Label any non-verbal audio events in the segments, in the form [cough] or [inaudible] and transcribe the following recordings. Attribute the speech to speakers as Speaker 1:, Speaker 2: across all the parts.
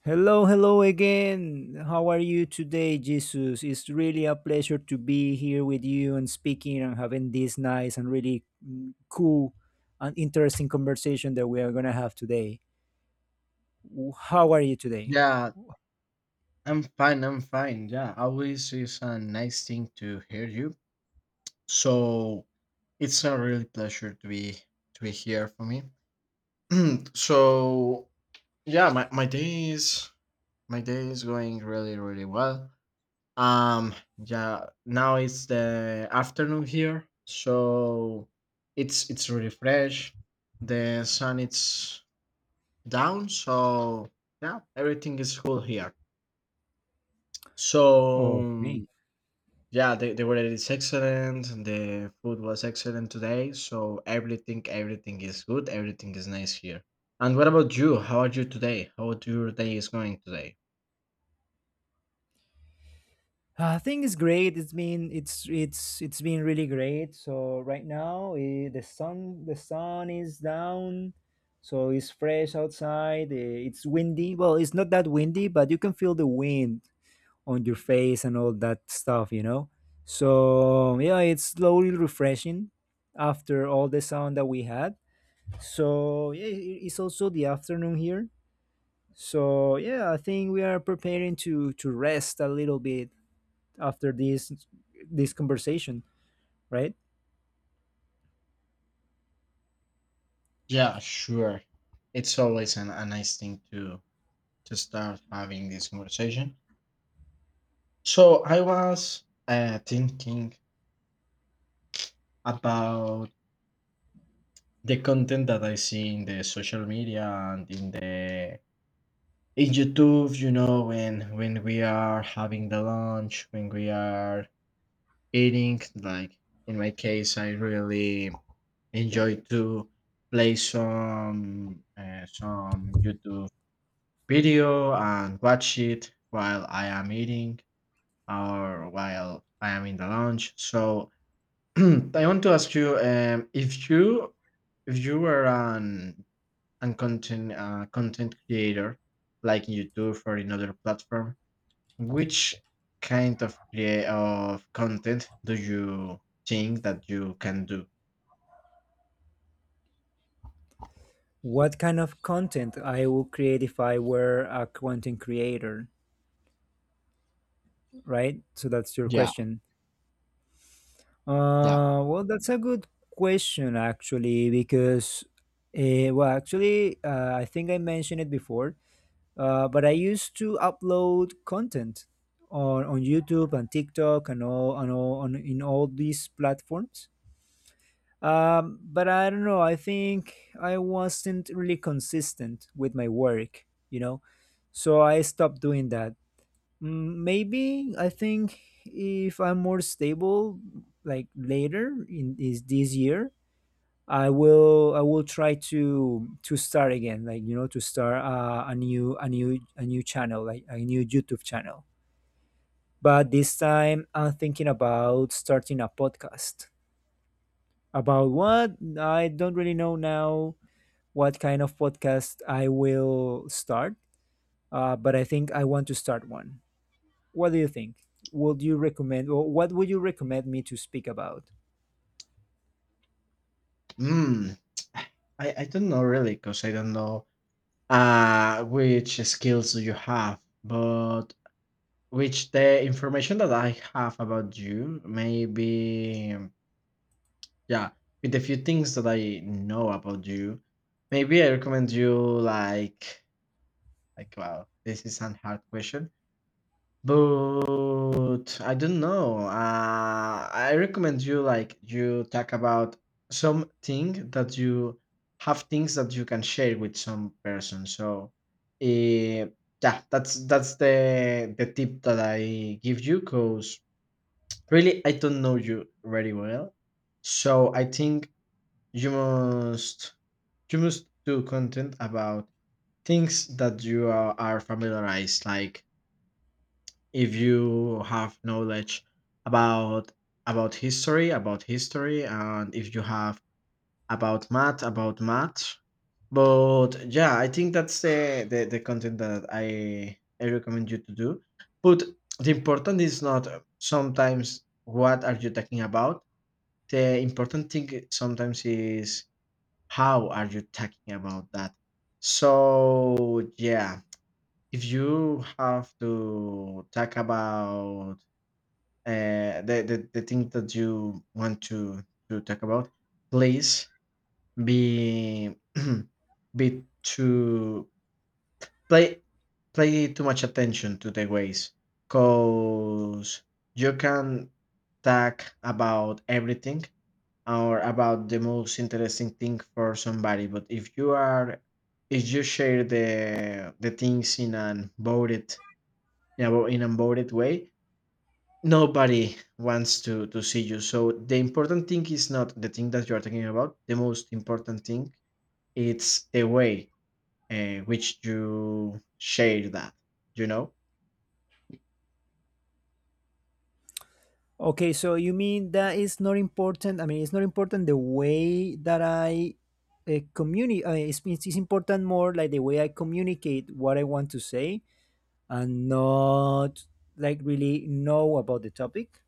Speaker 1: Hello, hello again. How are you today, Jesus? It's really a pleasure to be here with you and speaking and having this nice and really cool and interesting conversation that we are going to have today. How are you today?
Speaker 2: Yeah, I'm fine. I'm fine. Yeah, always is a nice thing to hear you. So it's a really pleasure to be here for me. [clears throat] So yeah, my day is going really well. Um, yeah, now it's the afternoon here, so it's really fresh. The sun it's down, so yeah, everything is cool here. So
Speaker 1: Okay.
Speaker 2: yeah, the weather is excellent. And the food was excellent today. So everything, everything is good. Everything is nice here. And what about you? How are you today? How do your day is going today?
Speaker 1: I think it's great. It's been really great. So right now the sun is down, so it's fresh outside. It's windy. Well, it's not that windy, but you can feel the wind on your face and all that stuff, you know. So yeah, it's slowly refreshing after all the sun that we had. So yeah, it's also the afternoon here. So yeah, I think we are preparing to rest a little bit after this conversation, right?
Speaker 2: Yeah, sure. It's always a nice thing to start having this conversation. So I was thinking about the content that I see in the social media and in the in YouTube, you know, when we are having the lunch, when we are eating like in my case I really enjoy to play some YouTube video and watch it while I am eating or while I am in the lunch. So [clears throat] I want to ask you if you if you were an content content creator like in YouTube or in other platform, which kind of content do you think that you can do?
Speaker 1: What kind of content I will create if I were a content creator, right? So that's your
Speaker 2: Yeah,
Speaker 1: question.
Speaker 2: yeah.
Speaker 1: Well, that's a good question actually, because well, actually, I think I mentioned it before, but I used to upload content on YouTube and TikTok and all on in all these platforms. But I don't know. I think I wasn't really consistent with my work, you know, so I stopped doing that. Mm, maybe I think if I'm more stable, like later in is this year, I will try to start again, like, you know, to start a new channel, like a new YouTube channel. But this time, I'm thinking about starting a podcast. About what? I don't really know now what kind of podcast I will start, but I think I want to start one. What do you think? Would you recommend, or what would you recommend me to speak about?
Speaker 2: Mm, I don't know really because I don't know which skills do you have, but which the information that I have about you, maybe, yeah, with a few things that I know about you, maybe I recommend you like, like, wow, this is an hard question. But I don't know. I recommend you like you talk about something that you have things that you can share with some person. So, eh, yeah, that's the tip that I give you. Cause really, I don't know you very well, so I think you must you must do content about things that you are familiarized, like if you have knowledge about about history, about history, and if you have about math, about math. But yeah, I think that's the content that I recommend you to do. But the important is not sometimes what are you talking about. The important thing sometimes is how are you talking about that. So yeah, if you have to talk about the thing that you want to talk about, please be [clears throat] be to play play too much attention to the ways, cause you can talk about everything or about the most interesting thing for somebody. But if you are if you share the things in an voted in a voted way, nobody wants to see you. So the important thing is not the thing that you are talking about. The most important thing, it's the way in which you share that, you know.
Speaker 1: Okay, so you mean that it's not important? I mean, it's not important the way that I communicate. It's, it's important more like the way I communicate what I want to say and not like really know about the topic.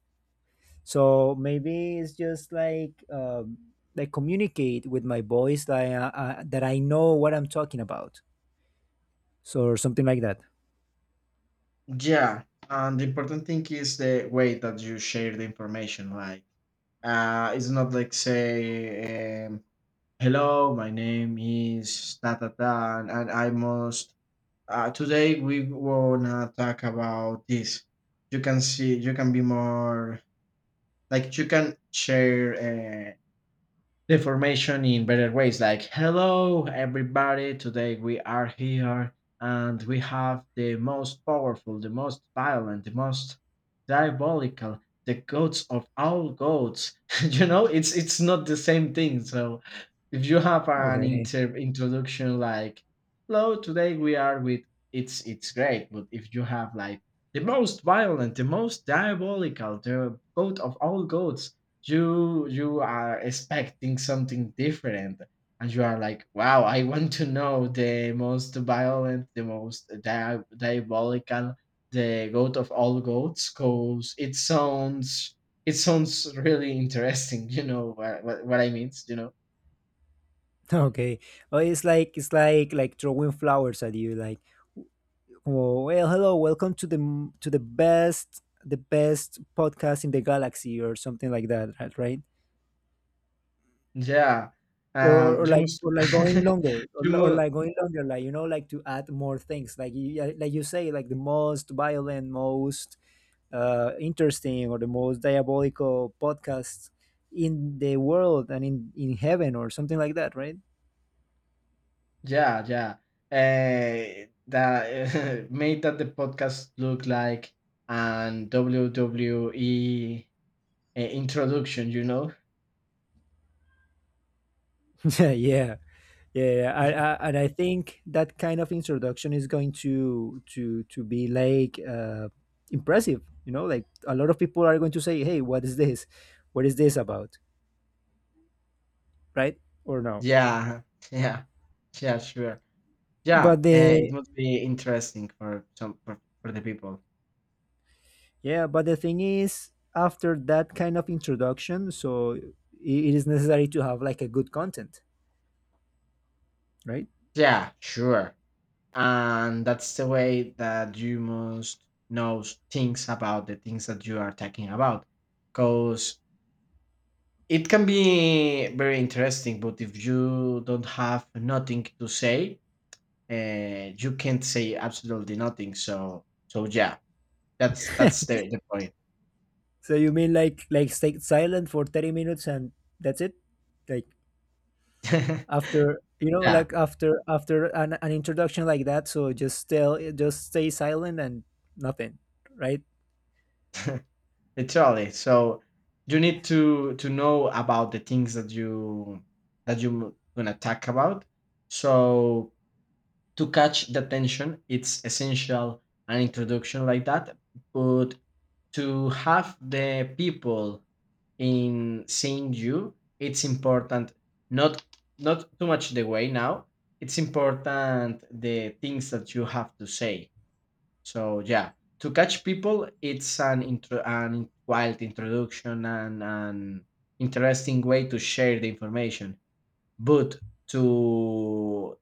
Speaker 1: So maybe it's just like communicate with my voice like that I know what I'm talking about, so or something like that.
Speaker 2: Yeah, and the important thing is the way that you share the information. Like it's not like say hello, my name is da da da, and I must today we wanna talk about this. You can see you can be more, like, you can share the information in better ways, like hello everybody, today we are here and we have the most powerful, the most violent, the most diabolical, the goats of all goats, [laughs] you know. It's not the same thing. So if you have an
Speaker 1: Okay.
Speaker 2: introduction like hello today we are with, it's great. But if you have like the most violent, the most diabolical, the goat of all goats, you are expecting something different, and you are like, wow, I want to know the most violent, the most diabolical, the goat of all goats, because it sounds really interesting. You know what I mean, you know.
Speaker 1: [laughs] Okay. Well, it's like throwing flowers at you, like, oh, well, hello, welcome to the to the best podcast in the galaxy or something like that, right? Right?
Speaker 2: Yeah, um, you must
Speaker 1: Or like going
Speaker 2: [laughs]
Speaker 1: longer
Speaker 2: you
Speaker 1: or
Speaker 2: must,
Speaker 1: like going longer like, you know, like to add more things like you say like the most violent most interesting or the most diabolical podcasts in the world and in heaven or something like that, right?
Speaker 2: yeah, yeah, that [laughs] made that the podcast look like and WWE introduction, you know?
Speaker 1: [laughs] Yeah, yeah, yeah. I, and I think that kind of introduction is going to be like impressive. You know, like a lot of people are going to say, "Hey, what is this? What is this about?" Right or no?
Speaker 2: Yeah, [laughs] yeah, yeah, sure. Yeah,
Speaker 1: But
Speaker 2: it
Speaker 1: the
Speaker 2: must be interesting for some for the people.
Speaker 1: Yeah, but the thing is, after that kind of introduction, so it is necessary to have like a good content, right?
Speaker 2: Yeah, sure. And that's the way that you must know things about the things that you are talking about, because it can be very interesting. But if you don't have nothing to say, you can't say absolutely nothing. So, so yeah, that's the point.
Speaker 1: So you mean like stay silent for 30 minutes and that's it? Like
Speaker 2: [laughs]
Speaker 1: after you know
Speaker 2: Yeah.
Speaker 1: like after after an introduction like that so just tell just stay silent and nothing, right?
Speaker 2: Literally. So you need to know about the things that you that you're gonna talk about. So to catch the attention, it's essential an introduction like that. But to have the people in seeing you, it's important, not not too much the way now. It's important the things that you have to say. So yeah, to catch people, it's an intro, an wild introduction and an interesting way to share the information. But to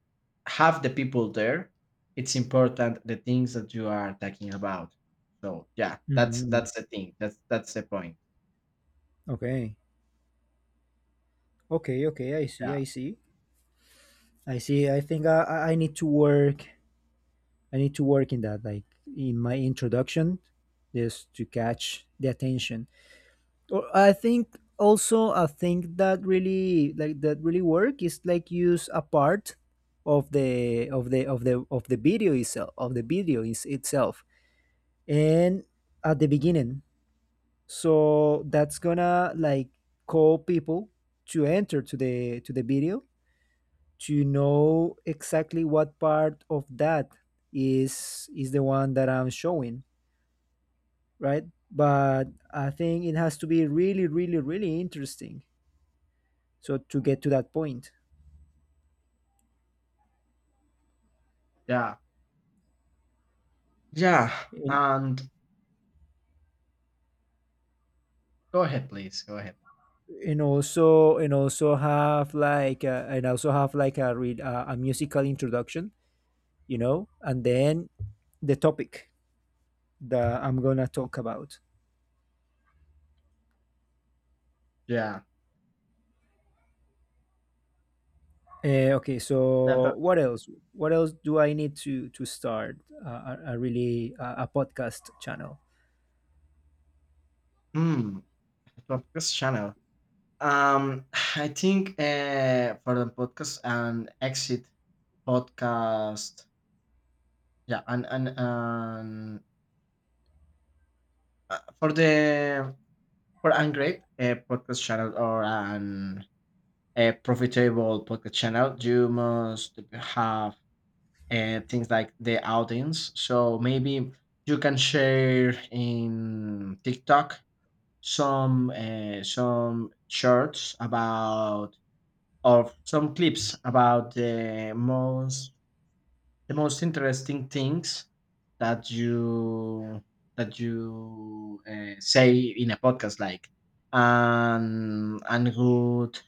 Speaker 2: have the people there, it's important the things that you are talking about. So yeah, that's
Speaker 1: Hmm.
Speaker 2: the thing. That's the point.
Speaker 1: Okay. Okay. Okay. I see.
Speaker 2: Yeah,
Speaker 1: I see. I see. I think I need to work. I need to work in that, like in my introduction, just to catch the attention. Or I think also a thing that really like that really work is like use a part of the video itself of the video is itself and at the beginning. So that's gonna like call people to enter to the video to know exactly what part of that is the one that I'm showing, right? But I think it has to be really, really, really interesting so to get to that point.
Speaker 2: yeah, yeah.
Speaker 1: and,
Speaker 2: And go ahead, please. Go ahead.
Speaker 1: and also have like a, and also have like a musical introduction, you know, and then the topic that I'm gonna talk about.
Speaker 2: Yeah,
Speaker 1: Okay,
Speaker 2: that, that,
Speaker 1: so what else do I need to start a podcast channel?
Speaker 2: mm, the podcast channel. Um, [sighs] I think for the podcast and exit podcast, yeah, and for the for Ungreat a podcast channel or an a profitable podcast channel, you must have things like the audience. So maybe you can share in TikTok some shorts about of some clips about the most interesting things that you that you say in a podcast. Like and good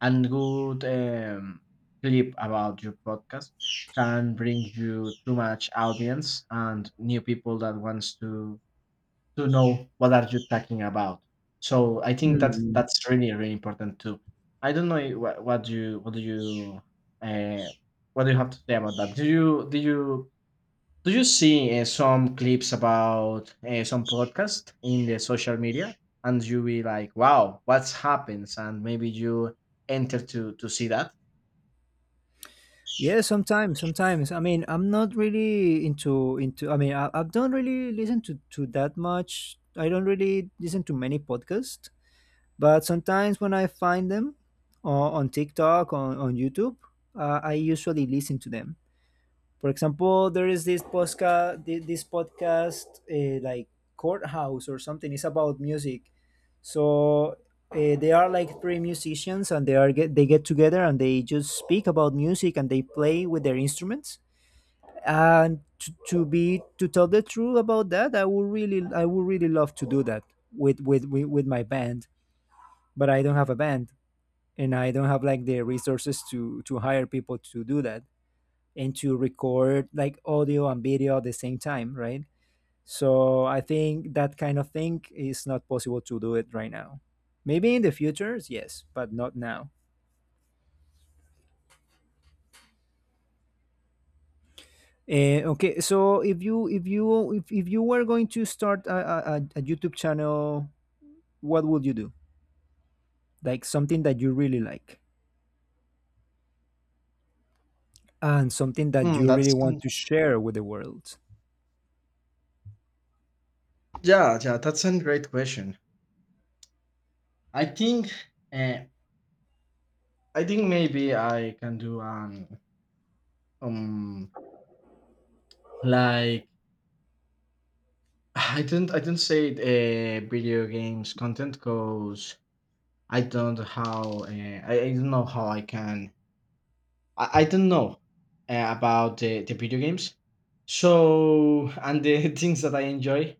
Speaker 2: and good clip about your podcast can bring you too much audience and new people that wants to know what are you talking about. So I think
Speaker 1: Mm.
Speaker 2: that's really really important too. I don't know what you what do you uh, what do you have to say about that? Do you do you do you see some clips about some podcast in the social media, and you be like, wow, what's happens? And maybe you enter to see that.
Speaker 1: Yeah, sometimes, sometimes. I mean, I'm not really into into. I mean, I don't really listen to that much. I don't really listen to many podcasts. But sometimes when I find them on TikTok, on YouTube, I usually listen to them. For example, there is this podcast, like Courthouse or something. It's about music. So they are like three musicians, and they get together and they just speak about music and they play with their instruments. And to be to tell the truth about that, I would really love to do that with with my band, but I don't have a band and I don't have like the resources to hire people to do that and to record like audio and video at the same time, right? So I think that kind of thing is not possible to do it right now. Maybe in the future, yes, but not now. Okay, so if you if you were going to start a YouTube channel, what would you do? Like something that you really like and something that
Speaker 2: Hmm,
Speaker 1: you really
Speaker 2: that's an,
Speaker 1: want to share with the world.
Speaker 2: yeah, yeah. That's a great question. I think, uh, I think maybe I can do an um like [sighs] I didn't say video games content because I don't how I don't know how I can I don't know about the video games. So and the [laughs] things that I enjoy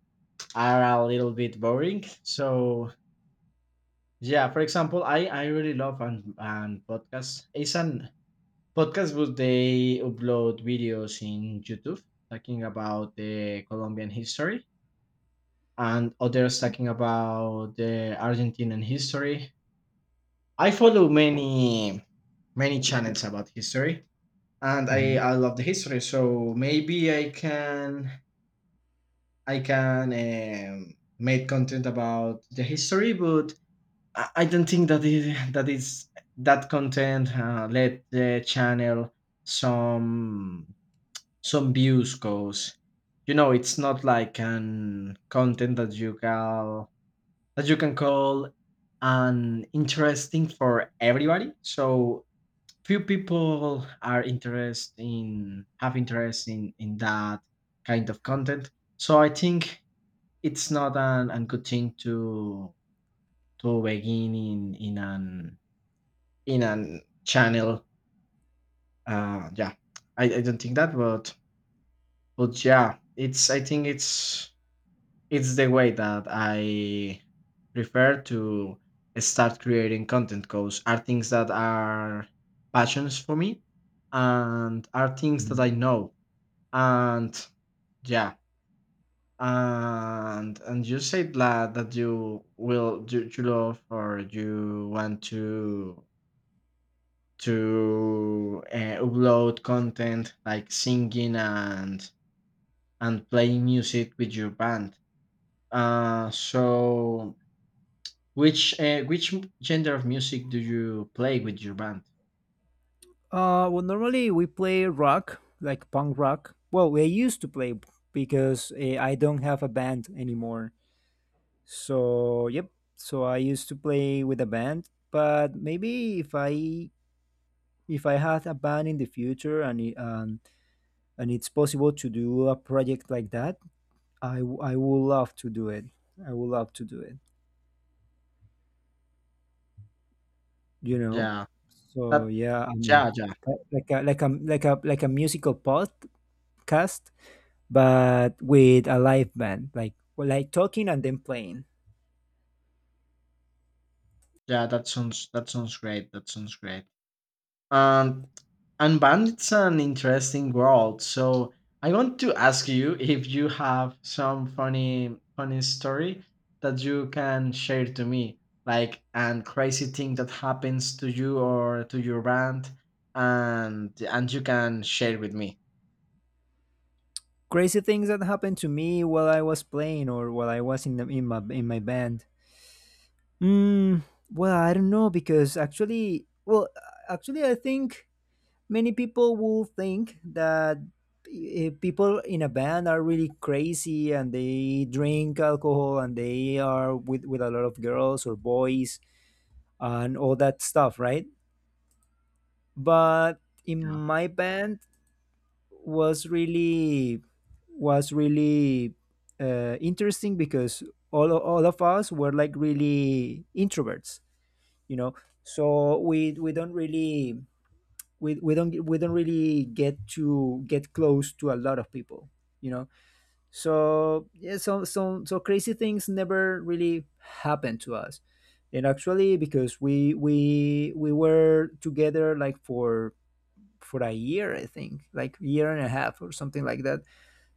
Speaker 2: are a little bit boring. So yeah, for example, I really love and podcasts. It's an podcast, but they upload videos in YouTube talking about the Colombian history, and others talking about the Argentinian history. I follow many channels about history, and I,
Speaker 1: Mhm,
Speaker 2: I love the history. So maybe I can make content about the history. But I don't think that is that content let the channel some some views goes. You know, it's not like an content that you can call an interesting for everybody. So few people are interested in have interest in that kind of content. So I think it's not an good thing to begin in an channel. Yeah, I don't think that, but yeah, it's I think it's the way that I prefer to start creating content because are things that are passions for me and are things that I
Speaker 1: mhm.
Speaker 2: know. And yeah, and you said that that you will you, you love or you want to upload content like singing and playing music with your band. So which genre of music do you play with your band?
Speaker 1: Well, normally we play rock, like punk rock. Well, we used to play because I don't have a band anymore. So, yep. So I used to play with a band, but maybe if I had a band in the future and it, and it's possible to do a project like that, I would love to do it. I would love to do it. You know.
Speaker 2: Yeah,
Speaker 1: So
Speaker 2: that
Speaker 1: yeah, I mean,
Speaker 2: yeah yeah
Speaker 1: like a like a like a like a musical podcast but with a live band, like talking and then playing.
Speaker 2: yeah that sounds great. That sounds great. And and band it's an interesting world. So I want to ask you [laughs] if you have some funny story that you can share to me, like and crazy thing that happens to you or to your band, and you can share with me.
Speaker 1: Crazy things that happened to me while I was playing or while I was in the, in my band. Mm, well, I don't know because actually, well, actually, I think many people will think that people in a band are really crazy and they drink alcohol and they are with a lot of girls or boys and all that stuff, right? But in
Speaker 2: Yeah.
Speaker 1: my band was really was really interesting because all of us were like really introverts, you know. So we don't really get to get close to a lot of people, you know. So yeah, so crazy things never really happened to us, and actually because we were together like for a year, I think, like year and a half or something like that.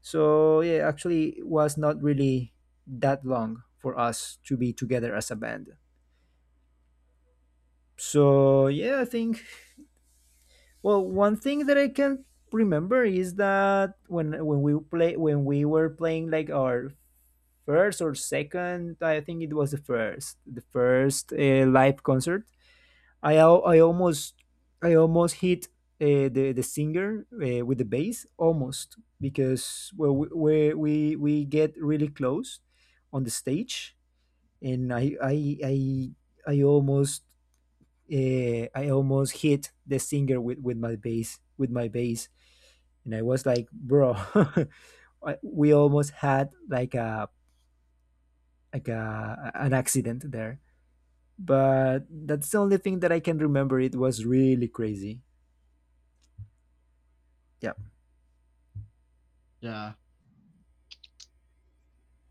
Speaker 1: So yeah, actually, it was not really that long for us to be together as a band. So yeah, I think well, one thing that I can remember is that when we play when we were playing like our first or second, I think it was the first live concert, I almost hit the singer with the bass almost, because well we get really close on the stage and I almost I almost hit the singer with my bass and I was like, bro, [laughs] I- we almost had like a an accident there, but that's the only thing that I can remember. It was really crazy. Yeah.
Speaker 2: Yeah.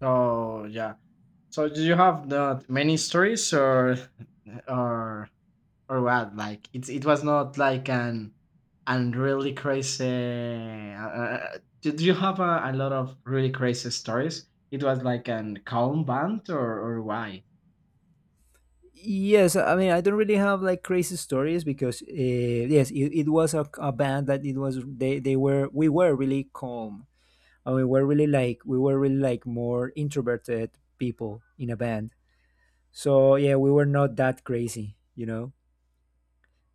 Speaker 2: So yeah. So do you have not many stories or or what? Like it was not like an and really crazy. Did you have a lot of really crazy stories? It was like an calm band or why?
Speaker 1: Yes, I mean I don't really have like crazy stories because yes, it was a band that it was they were we were really calm and we were really like more introverted people in a band. So yeah, we were not that crazy, you know.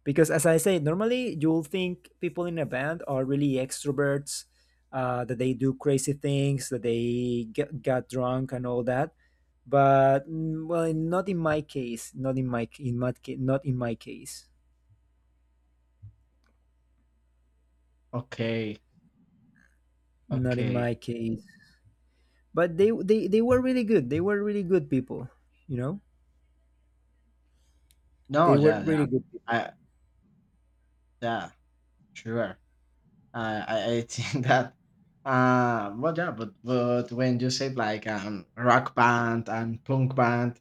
Speaker 1: Because as I say, normally you'll think people in a band are really extroverts, that they do crazy things, that they get got drunk and all that, but mm, well, not in my case, not in my in my ca- not in my case,
Speaker 2: Okay,
Speaker 1: not in
Speaker 2: okay.
Speaker 1: my case. But they were really good, they were really good people, you know,
Speaker 2: No,
Speaker 1: they were
Speaker 2: yeah, yeah,
Speaker 1: really good people.
Speaker 2: I, yeah, sure. I I [laughs] think that. Well, yeah, but when you said like rock band and punk band,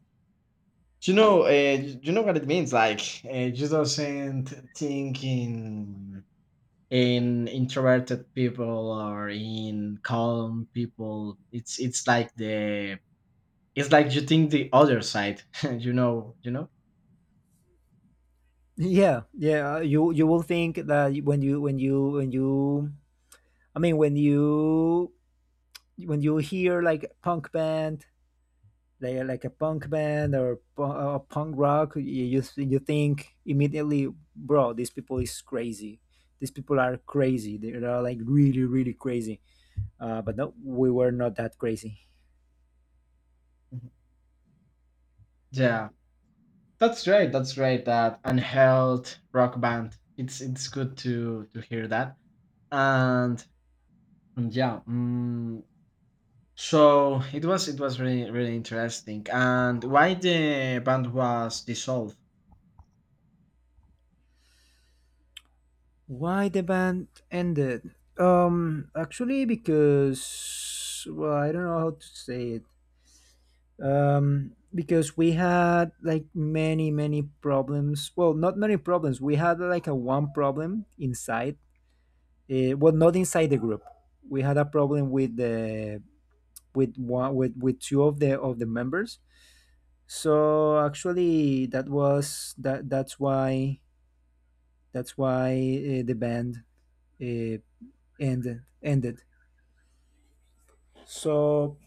Speaker 2: do you know? Do you know what it means? Like, you doesn't think in introverted people or in calm people. It's like the it's like you think the other side. [laughs] You know. You know.
Speaker 1: [laughs] Yeah, yeah, you you will think that when you when you when you when you when you hear like punk band like a punk band or punk rock, you, you think immediately, bro, these people is crazy. These people are crazy. They are like really really crazy. But no, we were not that crazy.
Speaker 2: Yeah, that's right. That's right. That unheld rock band. It's good to hear that. And and yeah, mm, so it was really really interesting. And why the band was dissolved?
Speaker 1: Why the band ended? Because I don't know how to say it. Because we had like many problems. Well, not many problems. We had like a one problem inside. Not inside the group. We had a problem with the with one with two of the members. So actually, that was that. That's why. That's why uh, the band uh, ended ended. So,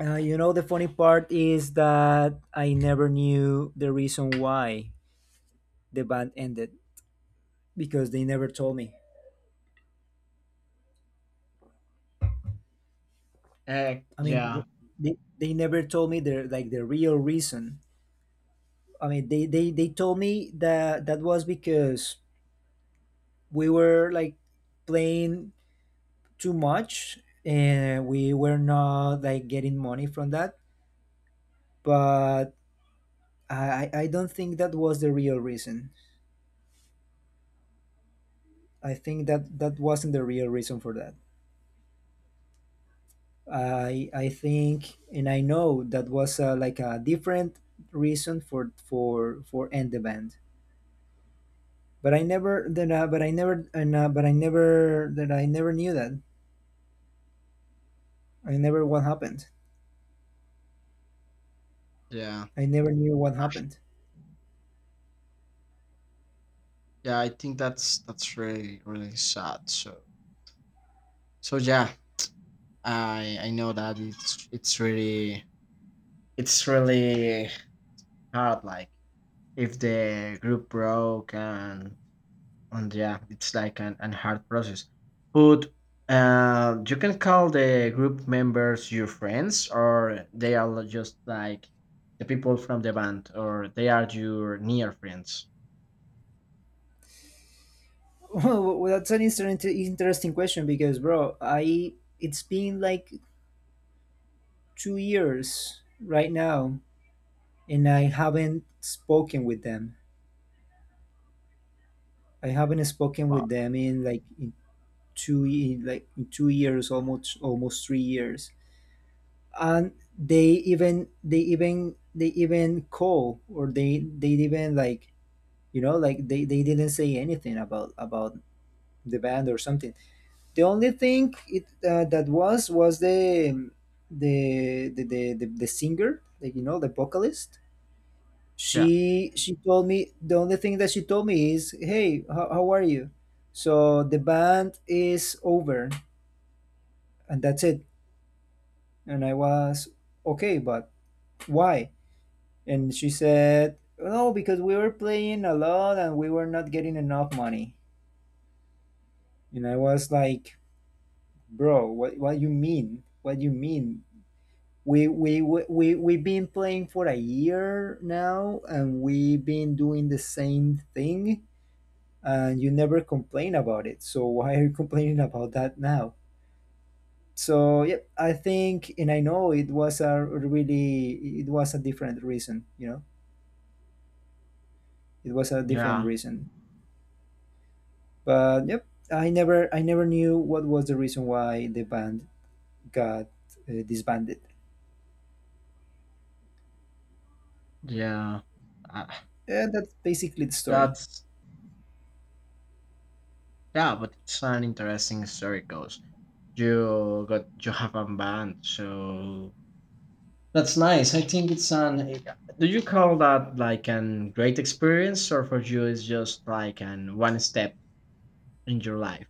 Speaker 1: you know, the funny part is that I never knew the reason why the band ended because they never told me. I mean,
Speaker 2: Yeah,
Speaker 1: they, they never told me the real reason. I mean, they told me that that was because we were like playing too much and we were not like getting money from that. But I don't think that was the real reason. I think that wasn't the real reason for that. I think and I know that was like a different reason for end the band. But I never that but I never and no, but I never that I never knew that. I never what happened.
Speaker 2: yeah,
Speaker 1: I never knew what happened.
Speaker 2: yeah. I think that's really really sad. So so yeah, I know that it's really hard. Like if the group broke and yeah, it's like an hard process. But you can call the group members your friends, or they are just like the people from the band, or they are your near friends.
Speaker 1: [laughs] Well, that's an interesting interesting question because bro, I it's been like 2 years right now and I haven't spoken with them. I haven't spoken
Speaker 2: Wow.
Speaker 1: with them in like in like in 2 years, almost 3 years, and they they even call or they even like you know like they didn't say anything about the band or something. The only thing it that was the the singer, like you know, the vocalist.
Speaker 2: Yeah,
Speaker 1: She told me, the only thing that she told me is hey, how are you, so the band is over and that's it. And I was, okay, but why? And she said, no, because we were playing a lot and we were not getting enough money. And I was like, bro, what you mean? What you mean? We've been playing for a year now and we've been doing the same thing and you never complain about it. So [laughs] why are you complaining about that now? So yeah, I think, and I know it was a really, it was a different reason, you know? It was a different
Speaker 2: yeah,
Speaker 1: reason. But yep, I never knew what was the reason why the band got disbanded.
Speaker 2: yeah. Uh,
Speaker 1: And that's basically the story.
Speaker 2: that's yeah, but it's an interesting story. Goes you got you have a band, so that's nice. I think it's an. Do you call that like an great experience, or for you it's just like an one step in your life?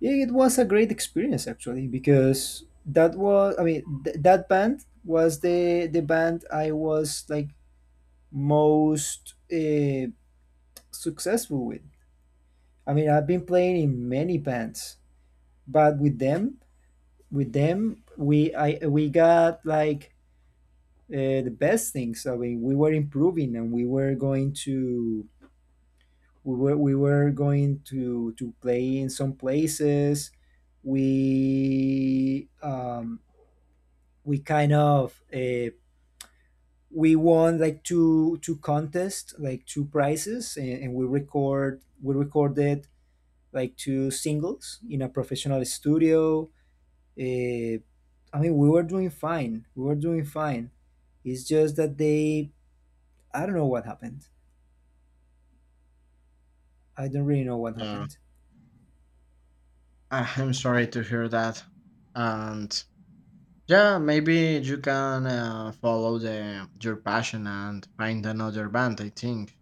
Speaker 1: Yeah, it was a great experience actually because that was, I mean, that band was the band I was like most successful with. I mean, I've been playing in many bands, but with them, we got like the best things. I mean, we were improving and we were going to we were going to play in some places. We um, we kind of we won like two contests, like two prizes, and we recorded like two singles in a professional studio. Uh, I mean, we were doing fine. We were doing fine. It's just that they, I don't know what happened. I don't really know what
Speaker 2: Yeah,
Speaker 1: happened.
Speaker 2: I- I'm sorry to hear that. And yeah, maybe you can follow the your passion and find another band. I think.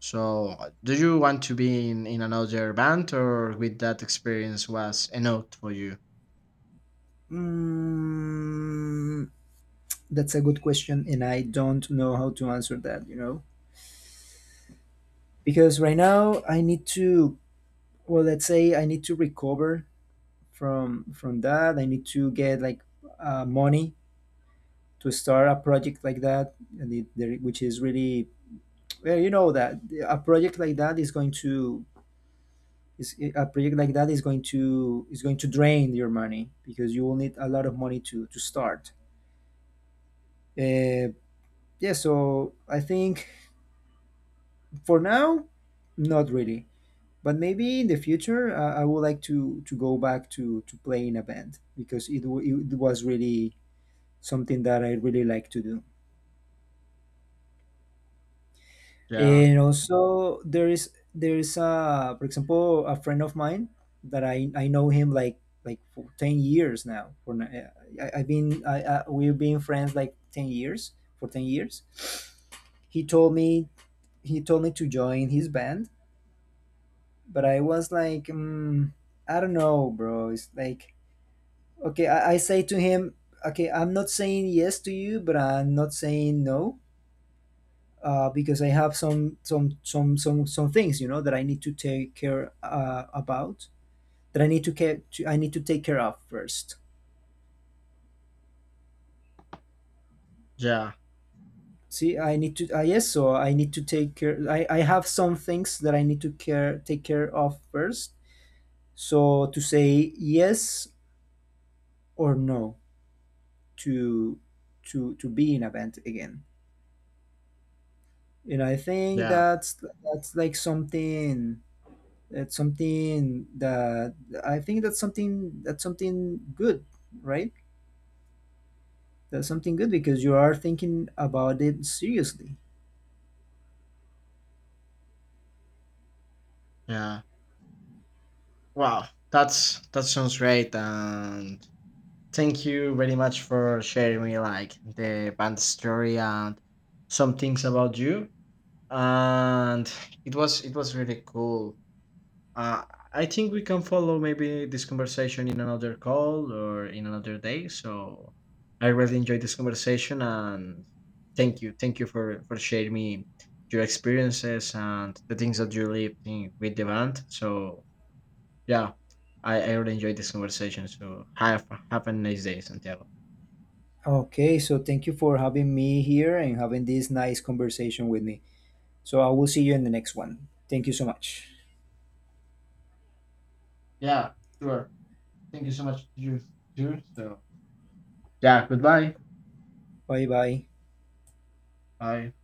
Speaker 2: So, do you want to be in another band, or with that experience was enough for you?
Speaker 1: Mm, that's a good question, and I don't know how to answer that, you know? Because right now I need to, well, let's say I need to recover from that. I need to get like money to start a project like that, and which is really, well, you know that a project like that is going to is a project like that is going to drain your money because you will need a lot of money to start. Uh, yeah, so I think for now, not really. But maybe in the future, I would like to go back to play in a band because it was really something that I really like to do.
Speaker 2: Yeah,
Speaker 1: And also, there is a, for example, a friend of mine that I know him like for 10 years now. For n- I, I've been I, We've been friends like 10 years, for 10 years. He told me he told me to join his band, but I was like, mm, I don't know, bro. It's like, okay, I say to him, okay, I'm not saying yes to you, but I'm not saying no, because I have some things, you know, that I need to take care about, that I need to care, to, I need to take care of first.
Speaker 2: yeah,
Speaker 1: See, I need to. Yes, so I need to take care. I have some things that I need to care take care of first. So to say yes or no to to be in a band again, and I think
Speaker 2: yeah,
Speaker 1: that's like something that's something that I think that's something good, right? That's something good because you are thinking about it seriously.
Speaker 2: yeah. Wow, that's that sounds great, and thank you very much for sharing me like the band story and some things about you. And it was really cool. Uh, I think we can follow maybe this conversation in another call or in another day. So I really enjoyed this conversation and thank you for sharing me your experiences and the things that you lived in with the band. So yeah, I really enjoyed this conversation. So have a nice day, Santiago.
Speaker 1: Okay, so thank you for having me here and having this nice conversation with me, so I will see you in the next one. Thank you so much.
Speaker 2: Yeah, sure. Thank you so much to you too. So, yeah, goodbye.
Speaker 1: Bye bye.
Speaker 2: Bye.